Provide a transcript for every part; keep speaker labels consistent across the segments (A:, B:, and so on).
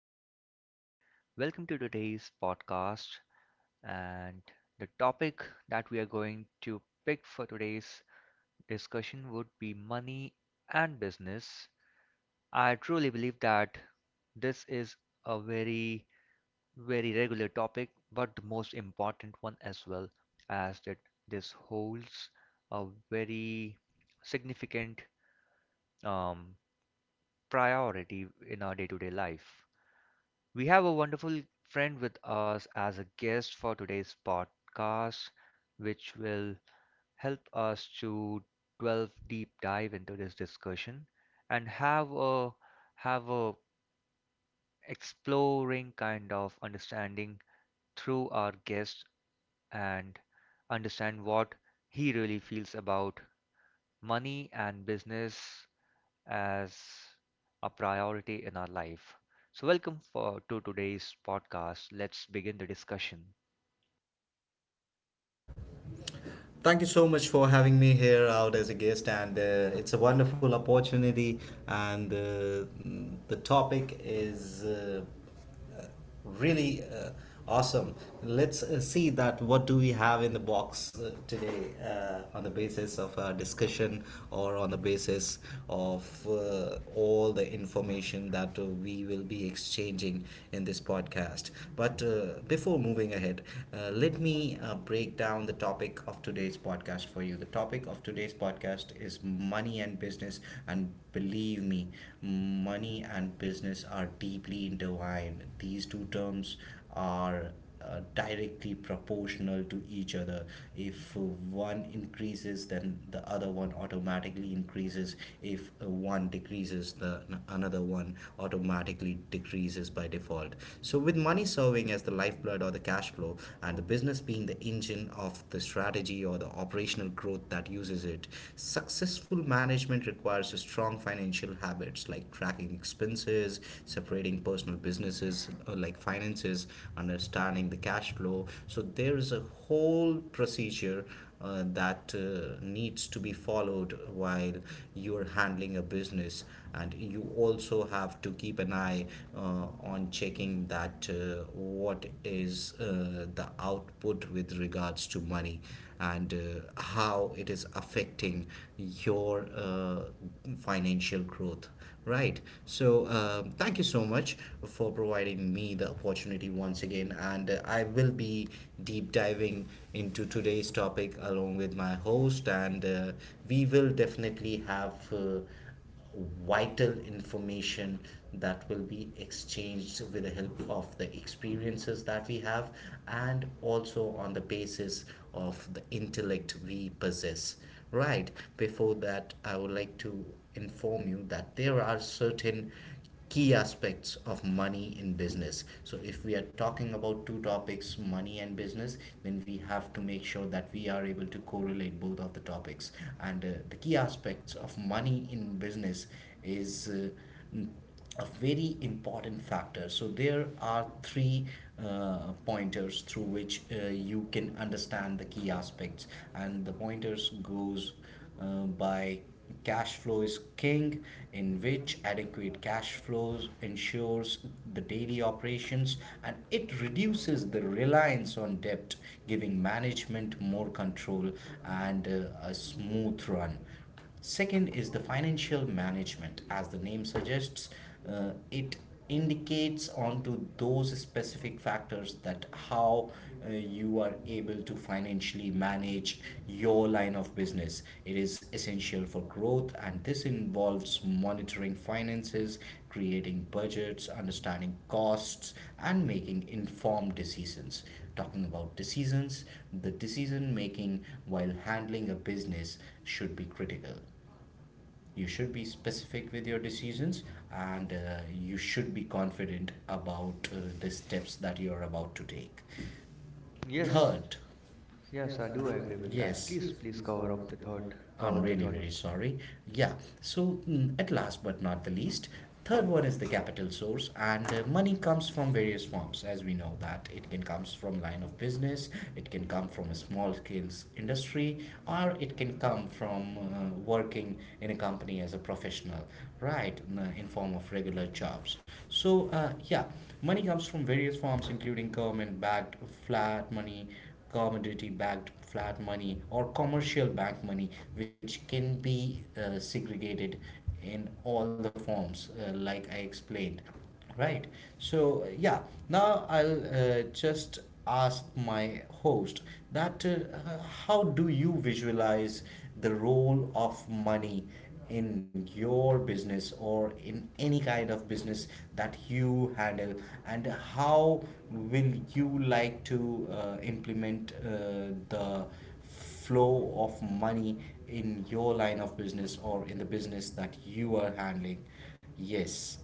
A: fine today. Welcome to today's podcast. And the topic that we are going to pick for today's discussion would be money and business. I truly believe that this is a very, very regular topic, but the most important one as well, as that this holds a very significant um, priority in our day-to-day life. We have a wonderful friend with us as a guest for today's podcast, which will help us to delve deep dive into this discussion and have a exploring kind of understanding through our guest and understand what he really feels about money and business as a priority in our life. So, welcome for to today's podcast. Let's begin the discussion.
B: Thank you so much for having me here out as a guest, and it's a wonderful opportunity. And The topic is really awesome. Let's see that what do we have in the box today on the basis of our discussion or on the basis of all the information that we will be exchanging in this podcast, but before moving ahead, let me break down the topic of today's podcast for you. The topic of today's podcast is money and business, and believe me, money and business are deeply intertwined. These two terms are directly proportional to each other. If one increases, then the other one automatically increases. If one decreases, another one automatically decreases by default. So, with money serving as the lifeblood or the cash flow, and the business being the engine of the strategy or the operational growth that uses it, successful management requires strong financial habits like tracking expenses, separating personal businesses like finances, understanding the cash flow. So there's a whole procedure that needs to be followed while you're handling a business, and you also have to keep an eye on checking that what is the output with regards to money and how it is affecting your financial growth, right? So thank you so much for providing me the opportunity once again, and I will be deep diving into today's topic along with my host, and we will definitely have vital information that will be exchanged with the help of the experiences that we have and also on the basis of the intellect we possess. Right, before that, I would like to inform you that there are certain key aspects of money in business. So, if we are talking about two topics, money and business, then we have to make sure that we are able to correlate both of the topics. And the key aspects of money in business is a very important factor. So there are three pointers through which you can understand the key aspects, and the pointers goes by: cash flow is king, in which adequate cash flows ensures the daily operations and it reduces the reliance on debt, giving management more control and a smooth run. Second is the financial management. As the name suggests, it indicates onto those specific factors that how you are able to financially manage your line of business. It is essential for growth, and this involves monitoring finances, creating budgets, understanding costs, and making informed decisions. Talking about decisions, the decision making while handling a business should be critical. You should be specific with your decisions, and you should be confident about the steps that you're about to take. Yes.
A: Yes,
B: Third,
A: yes,
B: yes,
A: I
B: I do
A: do
B: agree with
A: agree
B: that.
A: with that.
B: Yes.
A: Please,
B: Please,
A: please
B: please
A: cover
B: cover up
A: up the
B: the third
A: thought.
B: I'm
A: Cover
B: point
A: the
B: really here.
A: thought.
B: Very sorry. Yeah. So at last but not the least, third one is the capital source, and money comes from various forms, as we know that it can comes from line of business, it can come from a small scale industry, or it can come from working in a company as a professional, right? In form of regular jobs. So yeah, money comes from various forms, including government backed flat money, commodity backed flat money, or commercial bank money, which can be segregated in all the forms, like I explained. Right. So, yeah, now I'll just ask my host that how do you visualize the role of money in your business or in any kind of business that you handle and how will you like to implement the flow of money in your line of business or in the business that you are handling? Yes.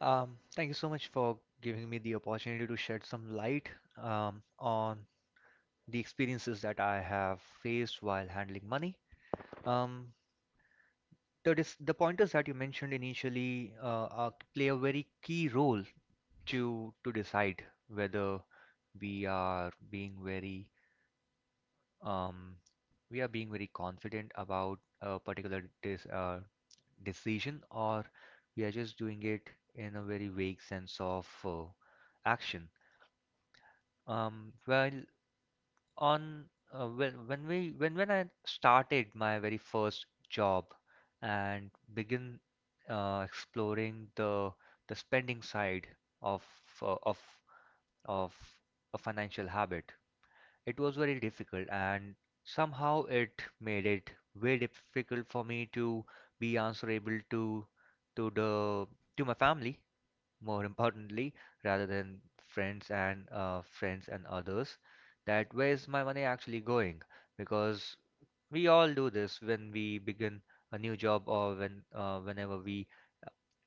A: Thank you so much for giving me the opportunity to shed some light on the experiences that I have faced while handling money. Um, the pointers that you mentioned initially are, play a very key role to decide whether we are being very um, we are being very confident about a particular dis decision or we are just doing it in a very vague sense of action. Well, on when we when I started my very first job and begin exploring the spending side of uh, of of a financial habit. It was very difficult, and somehow it made it very difficult for me to be answerable to the to my family, more importantly, rather than friends and others. That where is my money actually going? Because we all do this when we begin a new job or when whenever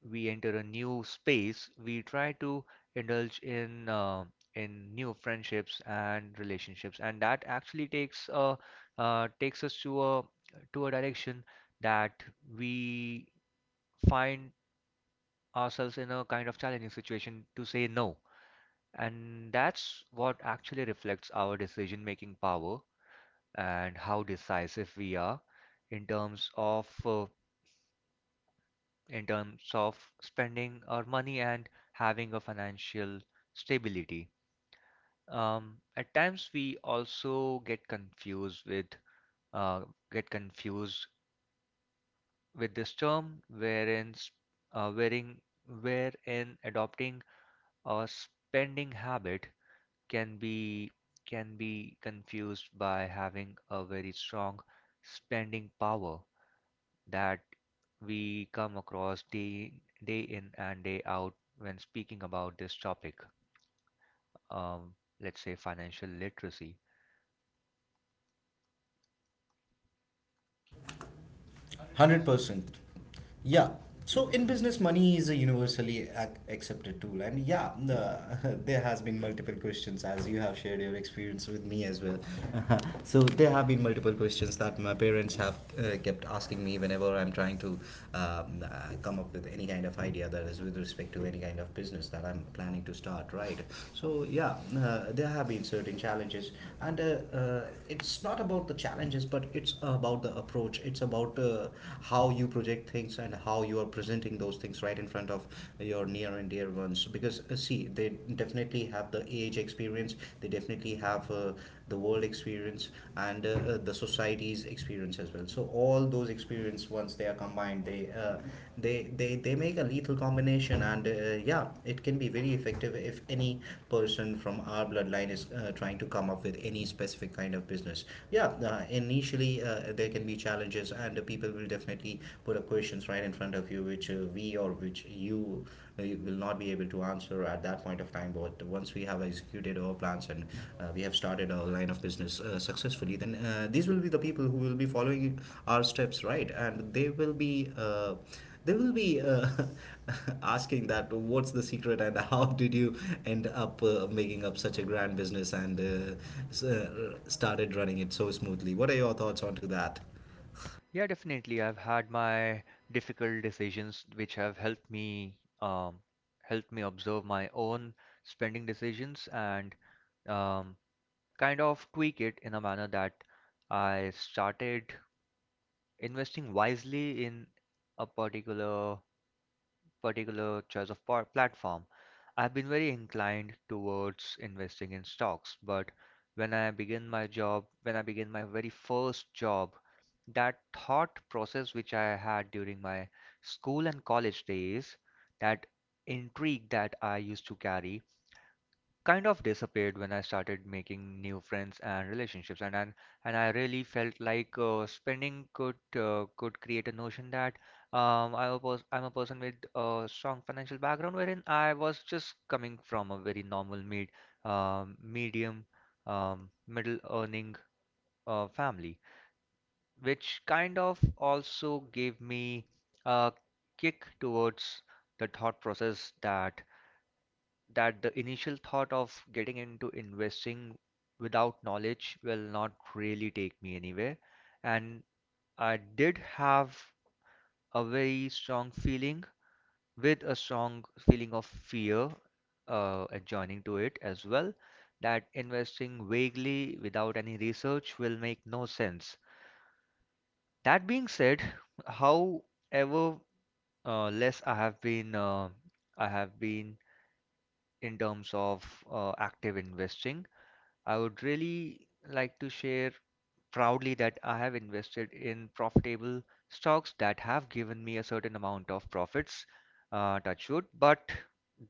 A: we enter a new space, we try to indulge in new friendships and relationships, and that actually takes takes us to a direction that we find ourselves in a kind of challenging situation to say no. And that's what actually reflects our decision-making power and how decisive we are in terms of in terms of spending our money and having a financial stability. At times we also uh, get confused with this term wherein uh, wherein adopting a spending habit can be can be confused by having a very strong spending power that we come across day, day in and day out when speaking about this topic, um, let's say financial literacy.
B: 100%. Yeah. So in business, money is a universally accepted tool, and yeah, there has been multiple questions as you have shared your experience with me as well. So there have been multiple questions that my parents have kept asking me whenever I'm trying to uh, come up with any kind of idea that is with respect to any kind of business that I'm planning to start. Right. So yeah, there have been certain challenges, and uh, it's not about the challenges, but it's about the approach. It's about how you project things and how you are presenting those things right in front of your near and dear ones, because see, they definitely have the age experience, they definitely have the world experience, and the society's experience as well. So all those experience, once they are combined, they, they make a lethal combination. And yeah, it can be very effective if any person from our bloodline is trying to come up with any specific kind of business. Yeah, initially, there can be challenges and the people will definitely put up questions right in front of you which we or which you, you will not be able to answer at that point of time. But once we have executed our plans and we have started our line of business successfully, then these will be the people who will be following our steps, right? And they will be asking that what's the secret and how did you end up making up such a grand business and started running it so smoothly. What are your thoughts onto that?
A: Yeah, definitely. I've had my difficult decisions which have helped me observe my own spending decisions and um, kind of tweak it in a manner that I started investing wisely in a particular particular choice of platform. I've been very inclined towards investing in stocks, but when I begin my very first job, that thought process which I had during my school and college days, that intrigue that I used to carry, kind of disappeared when I started making new friends and relationships, and I really felt like spending could create a notion that I'm a person with a strong financial background, wherein I was just coming from a very normal um, medium middle earning family, which kind of also gave me a kick towards the thought process that the initial thought of getting into investing without knowledge will not really take me anywhere. And I did have a very strong feeling with a strong feeling of fear adjoining to it as well that investing vaguely without any research will make no sense. That being said, however less I have been in terms of active investing, I would really like to share proudly that I have invested in profitable stocks that have given me a certain amount of profits, touch wood, but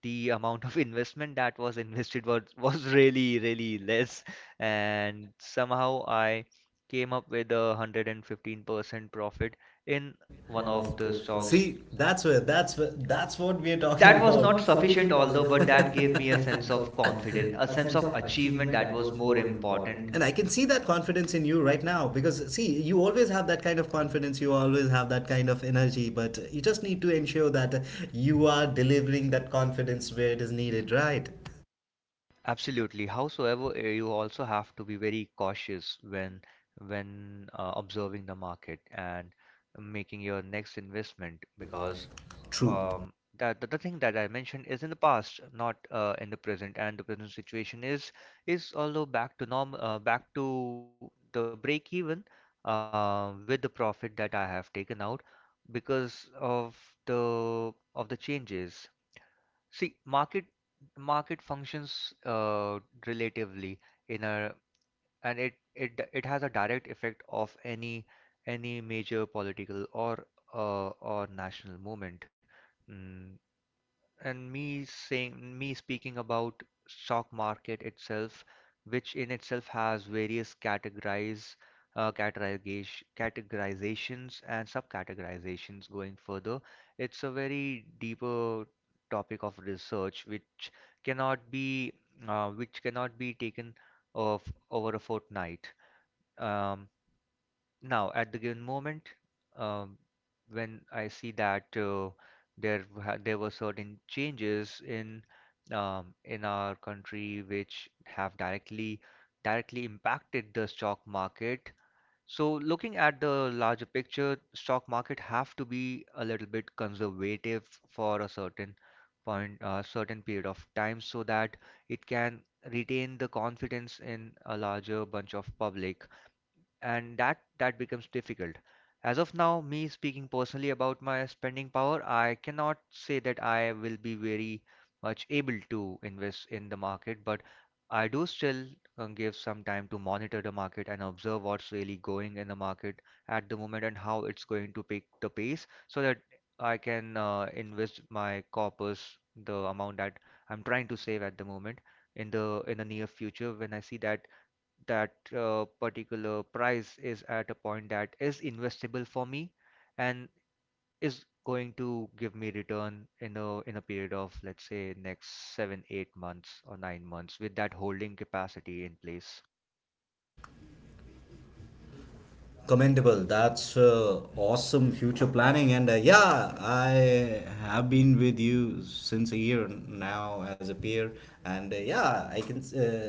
A: the amount of investment that was invested was really, really less. And somehow I came up with a 115% profit in one of the
B: So
A: stocks.
B: see, that's what we are talking
A: That
B: that
A: was
B: was about.
A: not
B: Not
A: sufficient,
B: sufficient also.
A: although, but that gave me a sense
B: For
A: of confidence, a sense of achievement that
B: that
A: was
B: was
A: more
B: more
A: important.
B: important. And I can see that confidence in you right now, because see, you always have that kind of confidence, you always have that kind of energy, but you just need to ensure that you are delivering that confidence where it is needed, right?
A: Absolutely. Howsoever, you also have to be very cautious when observing the market and making your next investment because
B: True.
A: the thing that I mentioned is in the past, not in the present. And the present situation is although back to norm, back to the break even with the profit that I have taken out because of the the changes. See, market functions relatively in a and it has a direct effect of any major political or national movement. Mm, and me speaking about stock market itself, which in itself has various categorize categorization categorizations and subcategorizations going further. It's a very deeper topic of research which cannot be taken of over a fortnight. um, Now, at the given moment, um, when I see that there were certain changes in our country which have directly impacted the stock market. So, looking at the larger picture, stock market have to be a little bit conservative for a certain period of time, so that it can retain the confidence in a larger bunch of public, and that becomes difficult. As of now, me speaking personally about my spending power, I cannot say that I will be very much able to invest in the market, but I do still give some time to monitor the market and observe what's really going in the market at the moment and how it's going to pick the pace, so that I can invest my corpus, the amount that I'm trying to save at the moment, in the near future when I see that particular price is at a point that is investable for me and is going to give me return in a period of let's say next seven, 8 months or 9 months with that holding capacity in place.
B: Commendable. That's awesome future planning. And yeah, I have been with you since a year now as a peer, and yeah, I can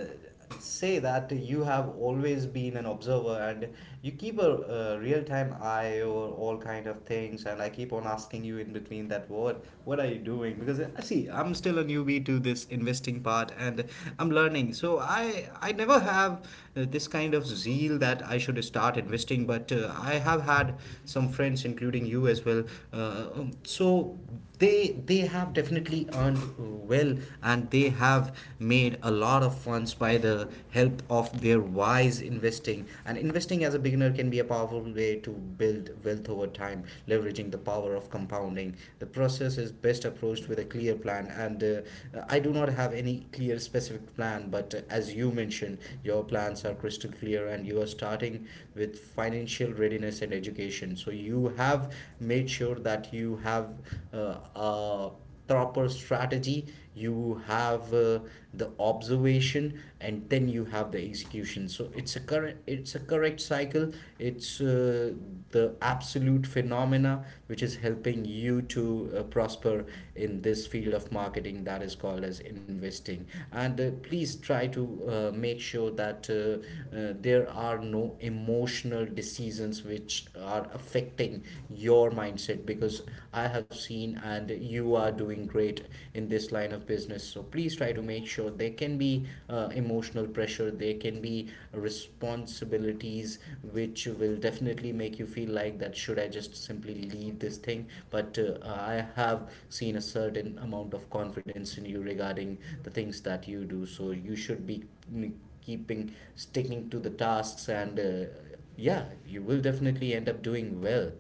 B: say that you have always been an observer, and you keep a, uh, real-time eye over all kind of things, and I keep on asking you in between that what are you doing, because see, I'm still a newbie to this investing part, and I'm learning. So I never have this kind of zeal that I should start investing, but I have had some friends, including you as well. So they have definitely earned well, and they have made a lot of funds by the help of their wise investing. And investing as a beginner can be a powerful way to build wealth over time, leveraging the power of compounding. The process is best approached with a clear plan, and I do not have any clear specific plan, but as you mentioned, your plans are crystal clear, and you are starting with financial readiness and education. So you have made sure that you have a proper strategy, you have the observation, and then you have the execution. So it's a correct cycle. It's the absolute phenomena which is helping you to prosper in this field of marketing that is called as investing. And please try to make sure that there are no emotional decisions which are affecting your mindset, because I have seen, and you are doing great in this line of business. So please try to make sure, there can be emotional pressure, there can be responsibilities which will definitely make you feel like that should I just simply leave this thing. But I have seen a certain amount of confidence in you regarding the things that you do. So you should be mm, keeping sticking to the tasks, and yeah, you will definitely end up doing well.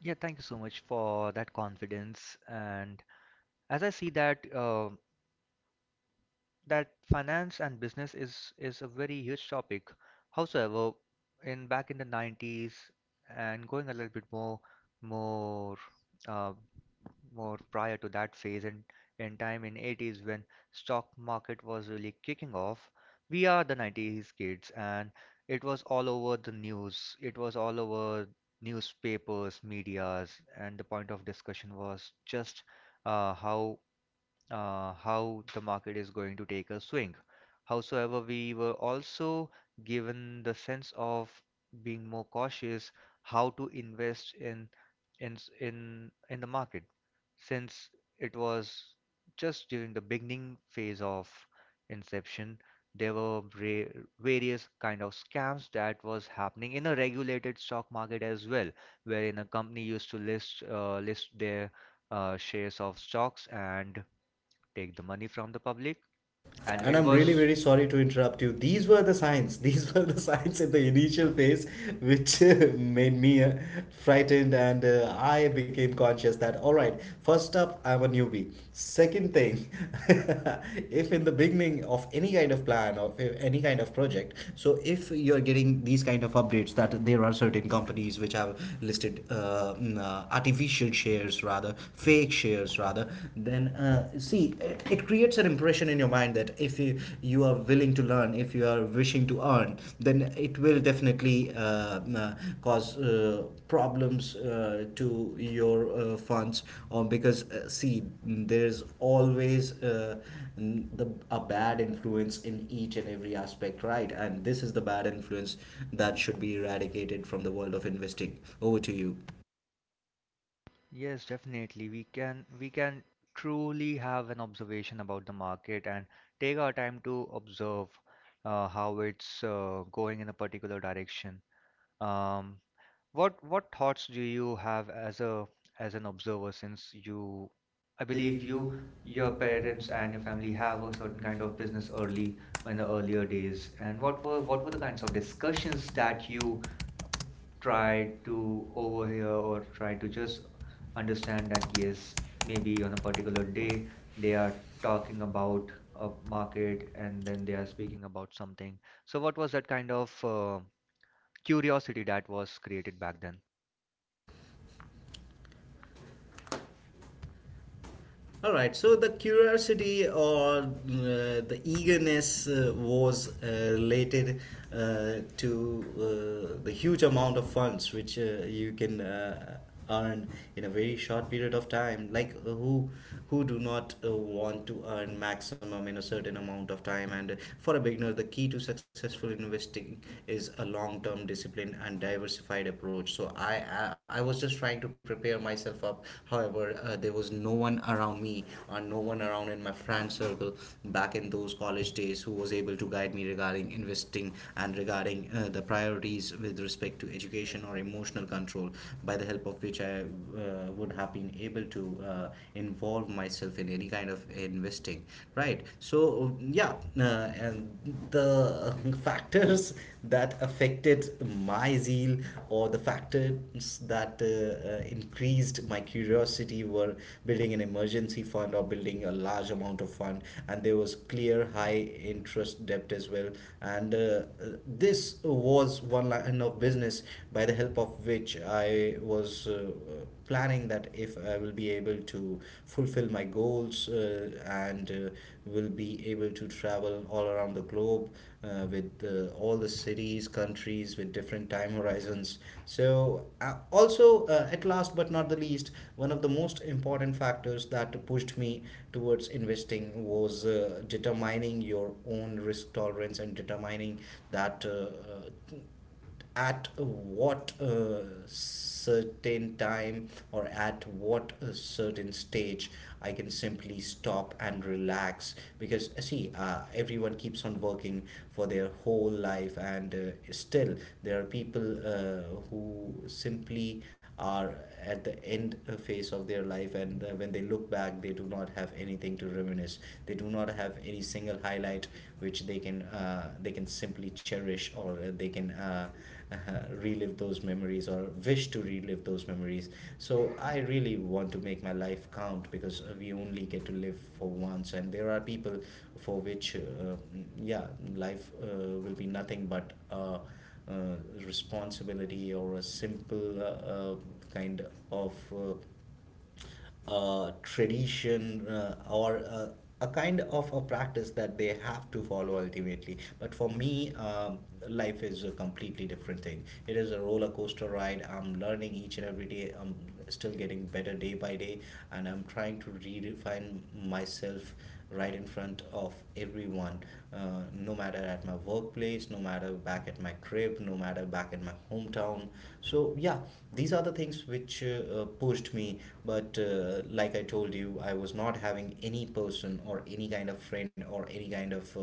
A: Yeah, thank you so much for that confidence. And as I see that finance and business is a very huge topic. However, in back in the 90s and going a little bit more uh, more prior to that phase and in time in 80s when stock market was really kicking off, we are the 90s kids and it was all over the news. It was all over newspapers, medias, and the point of discussion was just uh, how how the market is going to take a swing. Howsoever, we were also given the sense of being more cautious how to invest in s- in the market, since it was just during the beginning phase of inception. There were various kind of scams that was happening in a regulated stock market as well, wherein a company used to list their shares of stocks and take the money from the public, and
B: And
A: it
B: I'm really
A: was.
B: very sorry to interrupt you. These were the signs. These were the signs in the initial phase, which made me frightened, and I became conscious that all right, first up, I'm a newbie. Second thing, if in the beginning of any kind of plan or if any kind of project, so if you're getting these kind of updates that there are certain companies which have listed artificial shares rather, fake shares rather then see it creates an impression in your mind that if you are willing to learn, if you are wishing to earn, then it will definitely cause problems to your funds. Or because see, there's always n- the a bad influence in each and every aspect, right? And this is the bad influence that should be eradicated from the world of investing. Over to you.
A: Yes, definitely. We can truly have an observation about the market and take our time to observe how it's going in a particular direction. Um, What thoughts do you have as a as an observer, since you I
B: I
A: believe
B: believe
A: you,
B: you,
A: your
B: your
A: parents
B: parents
A: and
B: and
A: your
B: your
A: family
B: family
A: have
B: have
A: a
B: those
A: certain kind
B: kind
A: of
B: of
A: business
B: business
A: early
B: early
A: in
B: in
A: the
B: the
A: earlier
B: earlier
A: days.
B: days.
A: And
B: And
A: what
B: what
A: were
B: were
A: the
B: the
A: kinds
B: kinds of
A: of discussions
B: discussions
A: that
B: that
A: you
B: you try
A: tried to overhear or tried to just
B: understand
A: understand
B: that
A: that
B: case,
A: yes, maybe
B: maybe on
A: on a
B: a
A: particular
B: particular
A: day
B: day
A: they
B: they are
A: are talking
B: talking about
A: about a
B: a
A: market
B: market and
A: and
B: then
A: then they
B: they
A: are
B: are speaking.
A: speaking about something. So what was that kind of curiosity that was created back then?
B: All right, so the curiosity or the eagerness was related to the huge amount of funds which you can earn in a very short period of time. Like who do not want to earn maximum in a certain amount of time? And for a beginner, the key to successful investing is a long term discipline and diversified approach. So I was just trying to prepare myself up. However, there was no one around me and no one around in my friend circle back in those college days who was able to guide me regarding investing and regarding the priorities with respect to education or emotional control, by the help of which I would have been able to involve myself in any kind of investing, right? So yeah, and the factors that affected my zeal, or the factors that increased my curiosity were building an emergency fund or building a large amount of fund, and there was clear high interest debt as well. And this was one line of business by the help of which I was planning that if I will be able to fulfill my goals, and will be able to travel all around the globe, with all the cities, countries with different time horizons. So also, at last but not the least, one of the most important factors that pushed me towards investing was determining your own risk tolerance and determining that uh, at what certain time or at what certain stage I can simply stop and relax. Because see, everyone keeps on working for their whole life, and still there are people uh, who simply are at the end phase of their life, and when they look back, they do not have anything to reminisce. They do not have any single highlight which they can simply cherish, or they can uh, relive those memories, or wish to relive those memories. So I really want to make my life count, because we only get to live for once. And there are people for which yeah, life will be nothing but uh, uh, responsibility, or a simple kind of tradition, or a kind of a practice that they have to follow ultimately. But for me, life is a completely different thing. It is a roller coaster ride. I'm learning each and every day. I'm still getting better day by day, and I'm trying to redefine myself right in front of everyone, no matter at my workplace, no matter back at my crib, no matter back in my hometown. So yeah, these are the things which pushed me. But like I told you, I was not having any person or any kind of friend or any kind of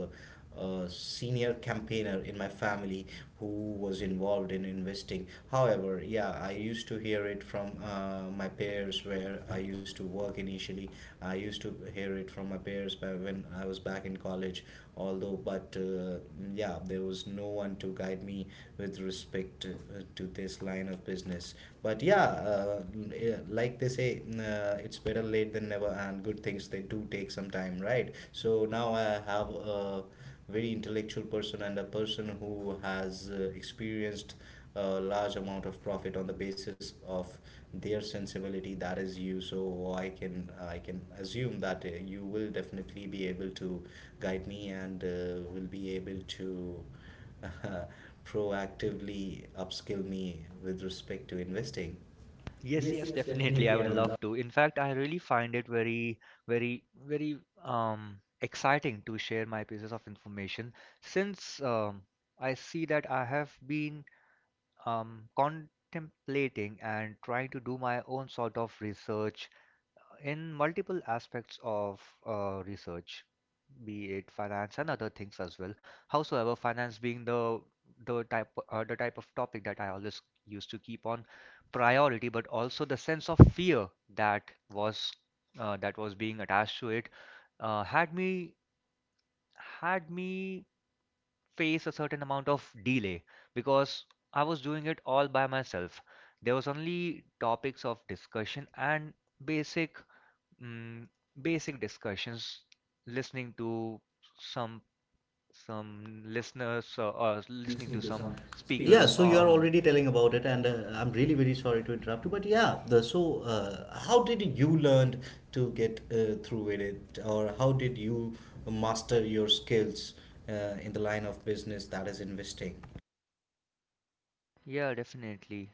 B: a senior campaigner in my family who was involved in investing. However, yeah, I used to hear it from my peers where I used to work initially. I used to hear it from my peers by when I was back in college, although, but yeah, there was no one to guide me with respect to this line of business. But yeah, yeah, like they say, it's better late than never, and good things they do take some time, right? So now I have a very intellectual person, and a person who has experienced a large amount of profit on the basis of their sensibility, that is you. So i can I can assume that you will definitely be able to guide me, and will be able to uh, proactively upskill me with respect to investing.
A: Yes,
B: Yes,
A: yes,
B: yes,
A: definitely. I
B: definitely.
A: would
B: I would
A: love to. In fact, I really find it very, very, very exciting to share my pieces of information, since I see that I have been contemplating and trying to do my own sort of research in multiple aspects of research, be it finance and other things as well. Howsoever, finance being the type of topic that I always used to keep on priority, but also the sense of fear that was that was being attached to it uh, had me had me face a certain amount of delay because I was doing it all by myself. There was only topics of discussion and basic mm, basic discussions, listening to some some listeners or
B: love
A: listening to
B: to
A: some
B: some. Yeah, speaking,
A: speakers
B: so you are
A: on.
B: already telling about it, and I'm really very sorry to interrupt you, but yeah, the, so how did you learn to get through with it, or how did you master your skills in the line of business that is investing?
A: Yeah, definitely.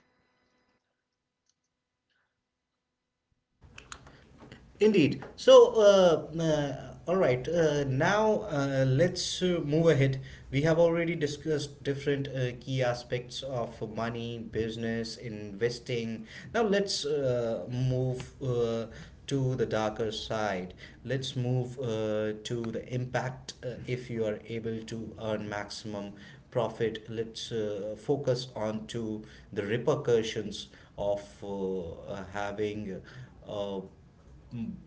B: Indeed. So, all right. Now, let's move ahead. We have already discussed different key aspects of money, business, investing. Now, let's move to the darker side. Let's move to the impact, if you are able to earn maximum profit. Let's focus on to the repercussions of having. Uh,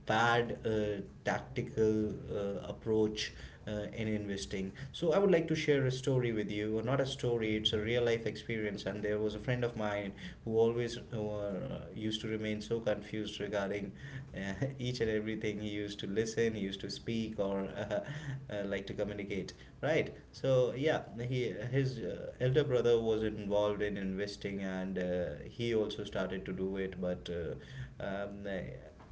B: Bad tactical approach in investing. So I would like to share a story with you, or not a story, it's a real life experience. And there was a friend of mine who always used to remain so confused regarding each and everything. He used to listen, he used to speak, or like to communicate. Right. So yeah, he his elder brother was involved in investing, and he also started to do it, but. Um,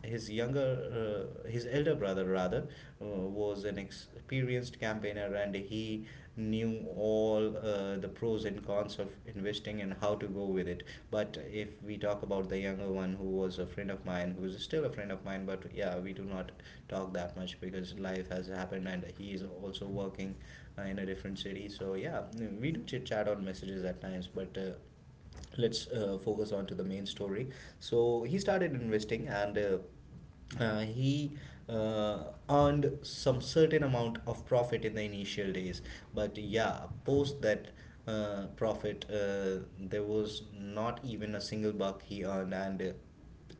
B: his younger his elder brother rather was an experienced campaigner, and he knew all the pros and cons of investing and how to go with it. But if we talk about the younger one, who was a friend of mine, who is still a friend of mine, but yeah, we do not talk that much because life has happened, and he is also working in a different city. So yeah, we do chit chat on messages at times, but let's focus on to the main story. So he started investing, and he uh, earned some certain amount of profit in the initial days, but yeah, post that profit, there was not even a single buck he earned, and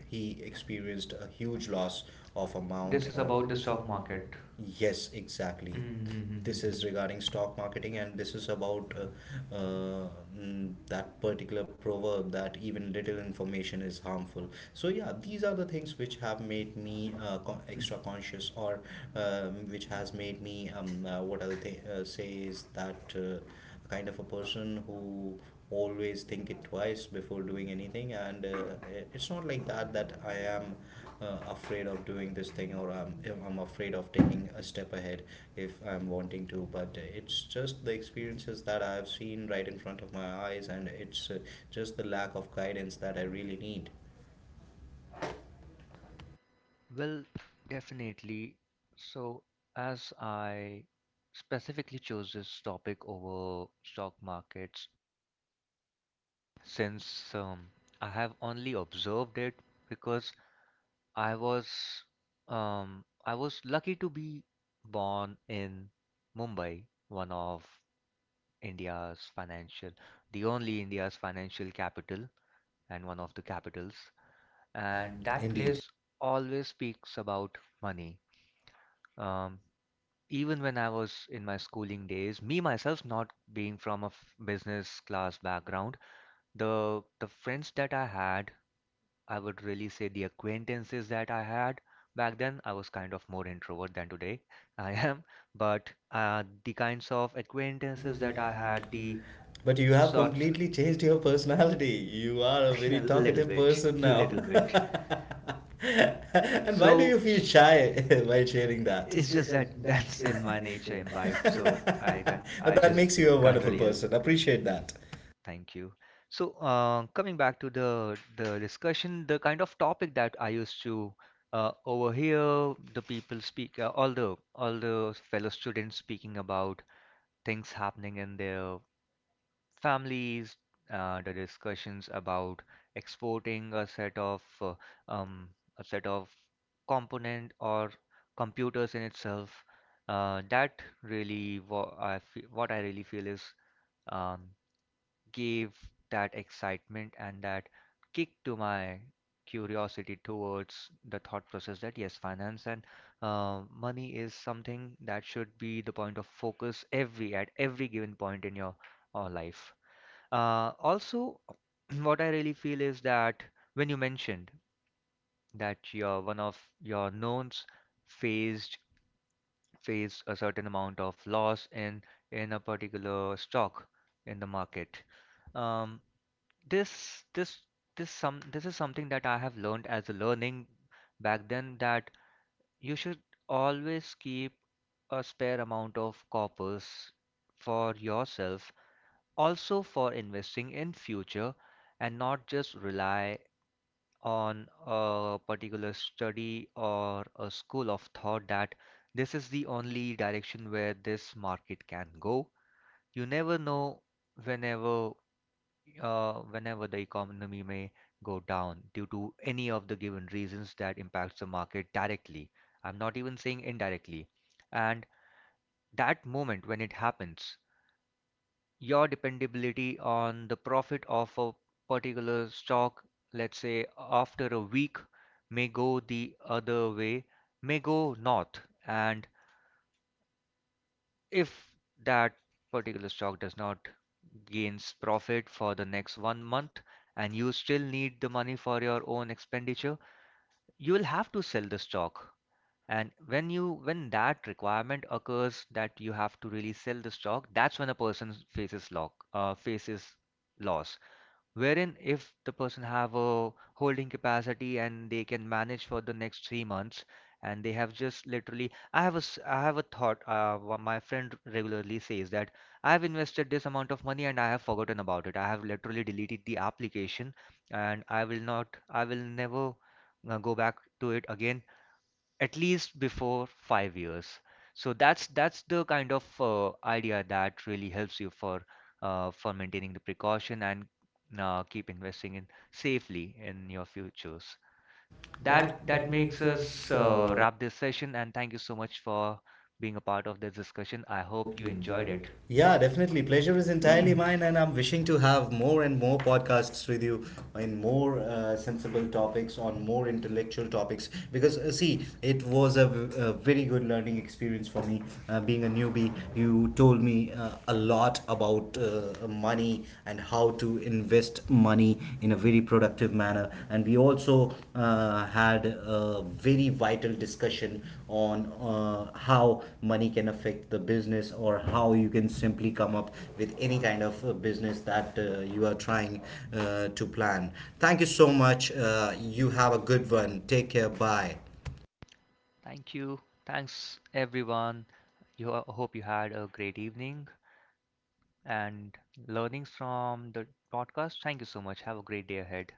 B: he experienced a huge loss of amount. This
A: This
B: is
A: is
B: or
A: about
B: about the
A: the
B: stock
A: stock market.
B: market. Yes, exactly. Mm. This
A: Mm-hmm.
B: is regarding stock marketing, and this is about that particular proverb that even little information is harmful. So, yeah, these are the things which have made me extra conscious, or which has made me, what I would say is that kind of a person who always think it twice before doing anything. And it's not like that, that I am afraid of doing this thing, or I'm afraid of taking a step ahead if I'm wanting to. But it's just the experiences that I've seen right in front of my eyes, and it's just the lack of guidance that I really need.
A: Well, definitely. So, as I specifically chose this topic over stock markets, since I have only observed it because I was I was lucky to be born in Mumbai, one of India's financial, the only India's financial capital and one of the capitals.
B: And
A: And
B: that
A: that
B: Indeed. is.
A: place always speaks about money. Um, Even when I was in my schooling days, me myself not being from a business class background, the friends that I had, I would really say the acquaintances that I had back then. I was kind of more introvert than today I am, but the kinds of acquaintances that I had, the
B: But you have also
A: sorts,
B: completely changed your personality. You are a very
A: a little
B: talkative
A: bit,
B: person now.
A: little bit.
B: And why do so
A: So
B: you feel
A: s-
B: shy while sharing that?
A: it's
B: is
A: just that that's in my nature imbibed,
B: so
A: so
B: I,
A: I don't,
B: But I
A: I
B: that just
A: just
B: makes you a
A: can't
B: wonderful
A: really help.
B: person. Appreciate that.
A: Thank you. So, coming back to the discussion, the kind of topic that I used to overhear the people speak, all the fellow students speaking about things happening in their families, the discussions about exporting um, a set of component or computers in itself. That really, wha- I fe- What I really feel is. Um, Gave that excitement and that kick to my curiosity towards the thought process that yes, finance and money is something that should be the point of focus every at every given point in your life. Also, what I really feel is that when you mentioned that your one of your knowns faced faced a certain amount of loss in a particular stock in the market. Um, this this this is something that I have learned as a learning back then, that you should always keep a spare amount of corpus for yourself, also for investing in future, and not just rely on a particular study or a school of thought that this is the only direction where this market can go. You never know whenever whenever the economy may go down due to any of the given reasons that impacts the market directly. I'm not even saying indirectly. And that moment when it happens, your dependability on the profit of a particular stock, let's say after a week, may go the other way, may go north. And if that particular stock does not gains profit for the next 1 month and you still need the money for your own expenditure, you will have to sell the stock. And when that requirement occurs that you have to really sell the stock, that's when a person faces lock faces loss, wherein if the person have a holding capacity and they can manage for the next 3 months, and they have just literally I have a thought, my friend regularly says that I have invested this amount of money and I have forgotten about it. I have literally deleted the application and I will never go back to it again at least before 5 years. So that's the kind of idea that really helps you for maintaining the precaution and keep investing in safely in your futures. That
B: That
A: that
B: that
A: makes
B: makes
A: us
B: us uh,
A: wrap this session, and thank you so much for being a part of this discussion. I
B: I
A: hope
B: hope you
A: you enjoyed
B: enjoyed it.
A: it.
B: Yeah, definitely. Pleasure is entirely mine, and I'm wishing to have more and more podcasts with you in more sensible topics, on more intellectual topics. Because, see, it was a, a very good learning experience for me. Being a newbie, you told me a lot about money and how to invest money in a very productive manner. And we also had a very vital discussion on how money can affect the business, or how you can simply come up with any kind of business that you are trying to plan. Thank you so much. You have a good one. Take care. Bye.
A: Thank you. Thanks everyone. You I hope you had a great evening and learnings from the podcast. Thank you so much. Have a great day ahead.